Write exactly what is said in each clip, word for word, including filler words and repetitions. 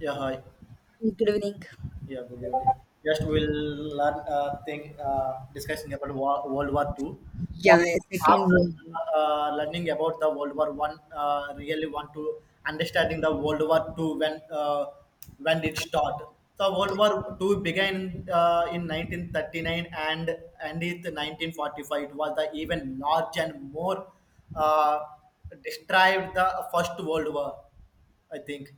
Yeah, hi. Good evening. Yeah, good evening. Just we'll learn uh, thing uh, Discussing about Wo- World War Two. Uh, Yeah, a second After world war. uh, learning about the World War One, uh, really want to understanding the World War Two when uh, when it started. So World War Two began uh, in nineteen thirty-nine and ended in nineteen forty-five. It was the even large and more uh, described the First World War, I think.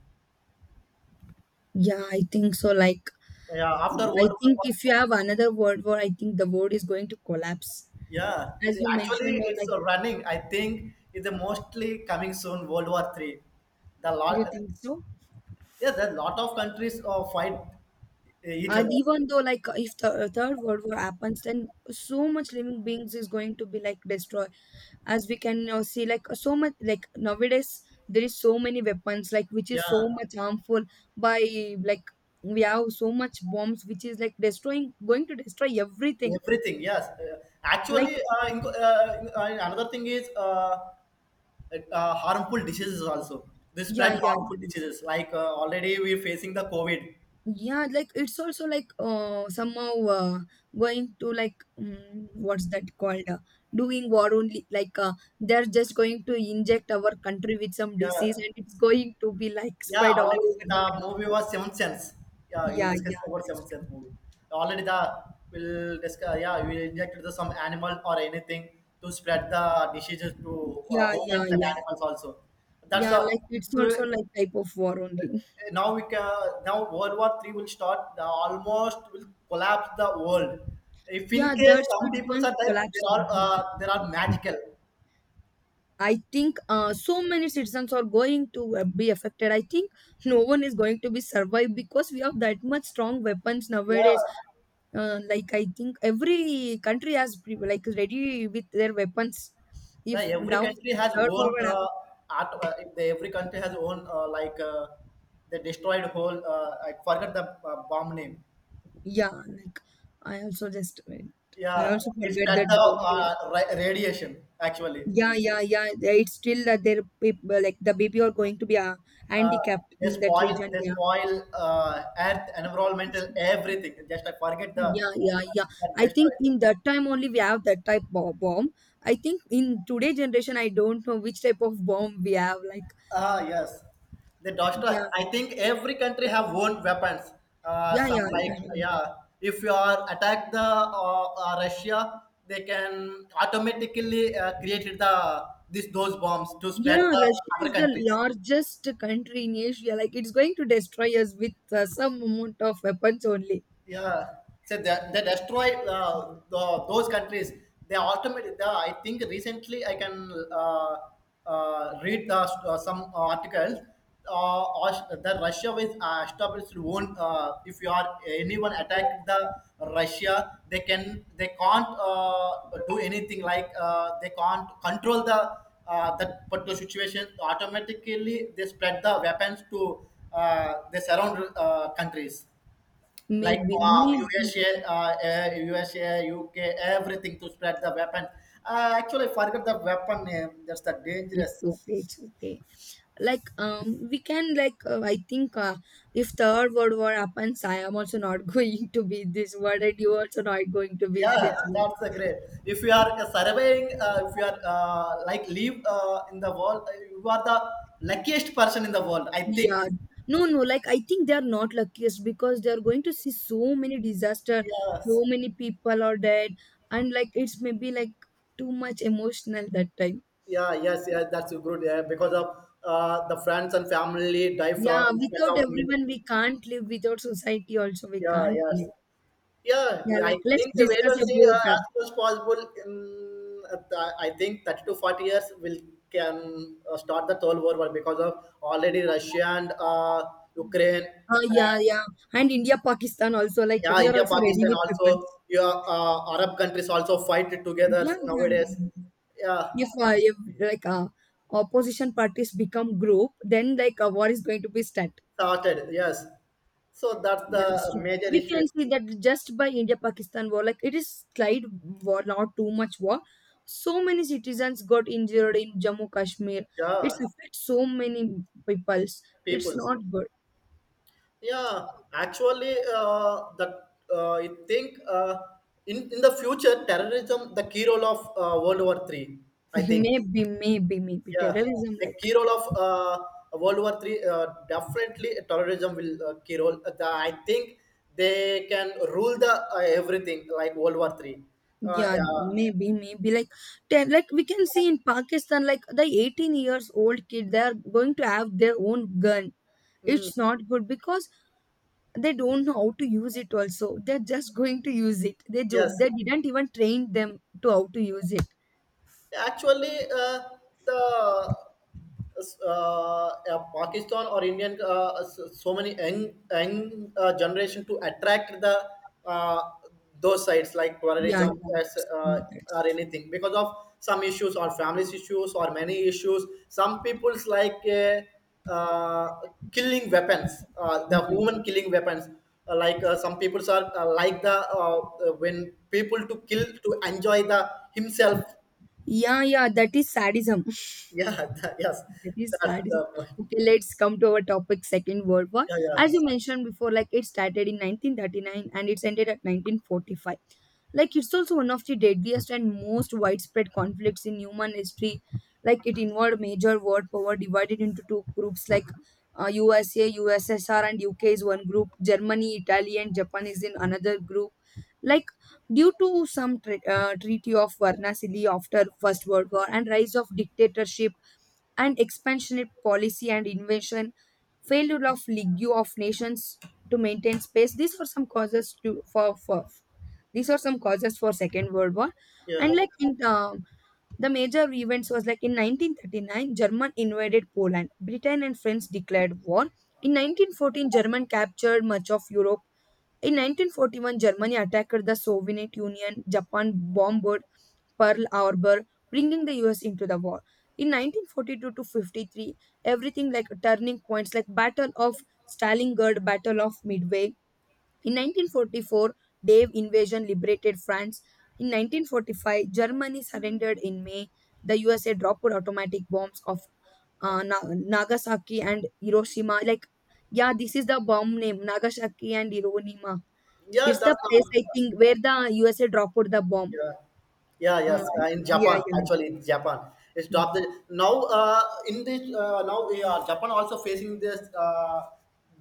Yeah, I think so. Like, Yeah, after I World War think One. if you have another world war, I think the world is going to collapse. Yeah, is- As you Actually, mentioned, uh, it's like, uh, running. I think it's a mostly coming soon. World War Three. The you lot, think so? yeah, the lot of countries uh, fight uh, each And other. even though, like, if the uh, third world war happens, then so much living beings is going to be like destroyed. As we can now see, like, so much, like nowadays there is so many weapons, like, which is so Yeah, much harmful by like. We have so much bombs, which is like destroying, going to destroy everything. everything. Yes, uh, Like actually, uh, in- uh, in- uh, another thing is uh, uh, harmful diseases also. They yeah, spread yeah. harmful Mhm. diseases like uh, already we're facing the COVID. Yeah. Like it's also like uh, somehow uh, going to like um, what's that called? Uh, doing war only. Like uh, they're just going to inject our country with some Yeah, disease, and it's going to be like yeah, spread all already over the the country. movie was Seventh Sense. Yeah, we will Yeah, discuss yeah, about that's Seventh Sense true. movie. Already the will discuss. Yeah, we will inject the some animal or anything to spread the diseases to uh, Yeah, yeah, humans and yeah, animals also. That's yeah. a Like if it's we, also like type of war only. now we can now World War Three will start. The almost will collapse the world. If in Yeah, case that's true. some It's people going to are there, collapse there are everything. uh, there are magical. I think uh, so many citizens are going to uh, be affected. I think no one is going to be survived because we have that much strong weapons Yeah, nowadays. Uh, like I think every country has pre- like ready with their weapons. the If every now country the has third world own would happen, uh, art. Uh, if the every country has own uh, like uh, they destroyed whole. Uh, I forgot the uh, bomb name. yeah. Like I also just went- I Yeah, also it's forget that that the dog name. uh, ra- radiation actually. Yeah, yeah, yeah. they- It's still that their people like the baby are going to be uh, Uh, handicapped they in that spoil region. they Yeah. spoil uh, earth environmental everything. Just I forget the uh, Yeah, yeah, yeah. that I destroy. think in that time only we have that type of bomb. I think in today generation, I don't know which type of bomb we have. Like, Ah, yes. The Dosta. yeah, I think every country have own weapons. Uh, yeah, some yeah, yeah. like Yeah. yeah, if you are attack the uh, uh, Russia, they can automatically uh, create the this those bombs to spread Yeah, the Russia other is the countries. largest country in Asia. Like, it's going to destroy us with uh, some amount of weapons only. Yeah, so they, they destroy uh, the, those countries they automated the, I think recently I can uh, uh, read the, uh, some articles, uh, Aus- the Russia with uh, established own. Uh, if you are anyone attack the Russia, they can they can't uh, do anything. Like uh, they can't control the uh, that particular situation. Automatically they spread the weapons to uh, they surround uh, countries like Maybe, uh, maybe. U S A, uh, eh, U S A, everything to spread the weapon. Uh, actually, forget the weapon name. That's the It's dangerous. okay, it's okay. Like, um, we can, like, uh, I think uh, if Third World War happens, I am also not going to be in this world, and you also not going to be in this Yeah, world. that's the great. If you are uh, surveying, uh, if you are uh, like live uh, in the world, uh, you are the luckiest person in the world, I think. Yeah, no, no. Like I think they are not luckiest because they are going to see so many disaster, so Yes. many people are dead, and like it's maybe like too much emotional that time. Yeah. Yes. Yeah. That's good. Yeah. Because of uh, the friends and family die from Yeah, in front without of me. everyone we can't live. Without society also we Yeah. can't Yes. live. Yeah, Yeah, I like let's think the wait discuss and see about. uh, Uh, as soon as possible. In, uh, th- I think thirty to forty years will can uh, start the whole world war because of already Russia and uh, Ukraine uh, Yeah, and yeah, and India, Pakistan also. Like yeah, we are India, also ready Pakistan with weapons. also. Yeah, uh, Arab countries also fight together Yeah, yeah, nowadays. yeah, yeah. Yeah, If, uh, if like uh, opposition parties become group, then like a war is going to be start. started, yes. So that's That's the true. major We issue. can see that just by India-Pakistan war, like it is slight war, not too much war. So many citizens got injured in Jammu Kashmir. It's Yeah, affects so many peoples. It's peoples. not good. Yeah, actually, uh, that uh, I think uh, in in the future, terrorism the key role of uh, World War Three. I think, Maybe, maybe, maybe yeah, terrorism. the Like key role of uh, World War Three, uh, definitely terrorism will uh, key role. Uh, The, I think they can rule the uh, everything like World War Three. Uh, yeah, yeah, maybe, maybe like ter- like we can see in Pakistan, like the eighteen years old kid, they are going to have their own gun. mm, It's not good because they don't know how to use it also. They're just going to use it. they do, yes. They didn't even train them to how to use it. Actually, uh, the uh, uh, Pakistan or Indian, uh, s- so many young, young uh, generation to attract the uh, those sites, like for Yeah, example yeah, as, that's uh, true, or that's anything because of some issues or families issues or many issues. Some people's like uh, uh, killing weapons, uh, true. the Yeah, human killing weapons. Uh, like uh, some peoples are uh, like the uh, uh, when people to kill to enjoy the himself. yeah, yeah, that is sadism. Yeah, that, yes, That is that's sadism. the point. Okay, let's come to our topic, second world war. Yeah, As yeah, you mentioned before, like it started in nineteen thirty-nine and it's ended at nineteen forty-five. Like it's also one of the deadliest and most widespread conflicts in human history. Like it involved major world power divided into two groups like uh, U S A, U S S R and U K is one group, Germany, Italy and Japan is in another group. Like due to some tre- uh, treaty of Varnasili after First World War and rise of dictatorship and expansionist policy and invasion, failure of League of Nations to maintain space. These are some causes to for, for these are some causes for Second World War. And yeah, like in um, the major events was like in nineteen thirty-nine, German invaded Poland. Britain and France declared war. In nineteen fourteen, German captured much of Europe. In nineteen forty-one, Germany attacked the Soviet Union. Japan bombed Pearl Harbor, bringing the U S into the war. In nineteen forty-two to fifty-three, everything like turning points like Battle of Stalingrad, Battle of Midway. In nineteen forty-four, Dave invasion liberated France. In nineteen forty-five, Germany surrendered in May. The U S A dropped automatic bombs of uh, Na- Nagasaki and Hiroshima. Like, yeah, this is the bomb name, Nagasaki and Hiroshima. yeah. It's That's the place, not. I think, where the U S A dropped the bomb. Yeah, yeah, Uh, yes. Uh, in yeah, Japan, yeah. actually, in Japan, it's top. The, now, uh, in this, uh, now we are Japan also facing this uh,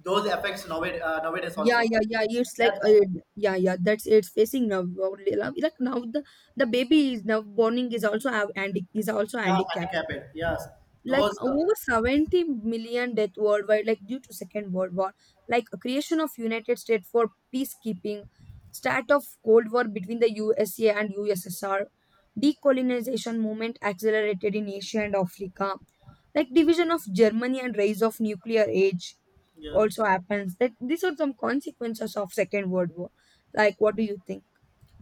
those effects nowadays, uh, nowadays Yeah, also. yeah, yeah. It's Yeah, like uh, that's, yeah, yeah. That's it's facing now. Only now- Like now, The the baby is now borning is also have handic is also yeah, handicapped. handicapped. Yes, Like those. Uh, over seventy million death worldwide, like due to Second World War. Like creation of United States for peacekeeping, start of Cold War between the U S A and U S S R, decolonization movement accelerated in Asia and Africa, like division of Germany and rise of nuclear age yeah. also happens. That These are some consequences of second world war. Like, what do you think?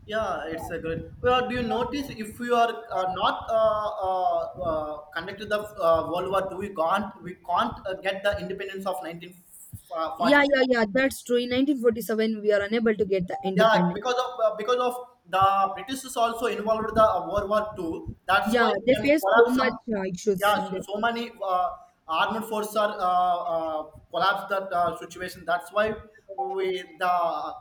Yeah, it's a good. Well, do you notice, if you are uh, not uh, uh, uh, connected to the uh, World War Two, we can't we can't uh, get the independence of Yeah, nineteen forty-six. yeah, yeah, that's true. In nineteen forty-seven we are unable to get the Yeah, independence. because of uh, because of the british is also involved the uh, world war Two. That's why Yeah, you they can face so collapse much some. uh, issues Yeah, in so, that. so many uh, armed forces are uh, uh, collapse that uh, situation. That's why we the,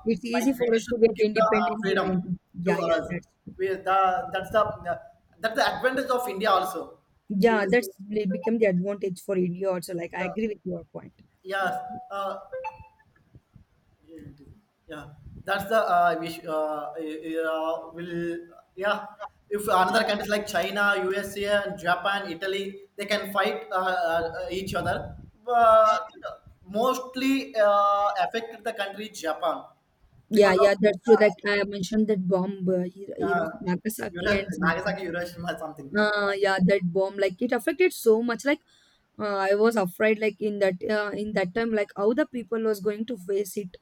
It's like easy for us british to get give the uh, independence in freedom in- to yeah, yeah, us. that's true. We the, that's the uh, that's the advantage of india also. We'll Yeah, discuss. that's like, become the advantage for India also. Like, I Yeah, agree with your point. yeah, uh, yeah, that's the uh, wish. Uh, uh, will, yeah, if another countries like China, U S A, and Japan, Italy, they can fight uh, uh, each other. But mostly uh, affected the country Japan Yeah, because yeah, that's true. Like of I mentioned that bomb, uh, Hiro- uh, Hiro- Nagasaki Hiro- and something. Nagasaki, Hiroshima, something. Uh, yeah, that bomb, like it affected so much. Like uh, I was afraid, like in that uh, in that time, like how the people was going to face it.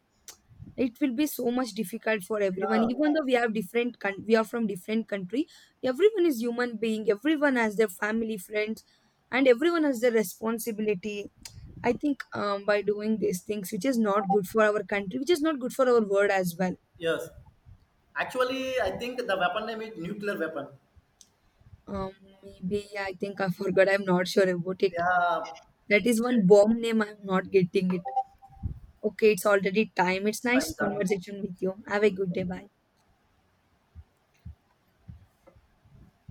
It will be so much difficult for everyone. Yeah, Even though we have different, coun- we are from different country. Everyone is human being. Everyone has their family, friends, and everyone has their responsibility. I think um, by doing these things, which is not good for our country, which is not good for our world as well. yes. Actually, I think the weapon name is nuclear weapon. Um, maybe I think I forgot. I'm not sure about it. Yeah. That is Okay. one bomb name. I'm not getting it. Okay, it's already time. It's Time nice is up. conversation with you. Thank Have a good day. you. Bye.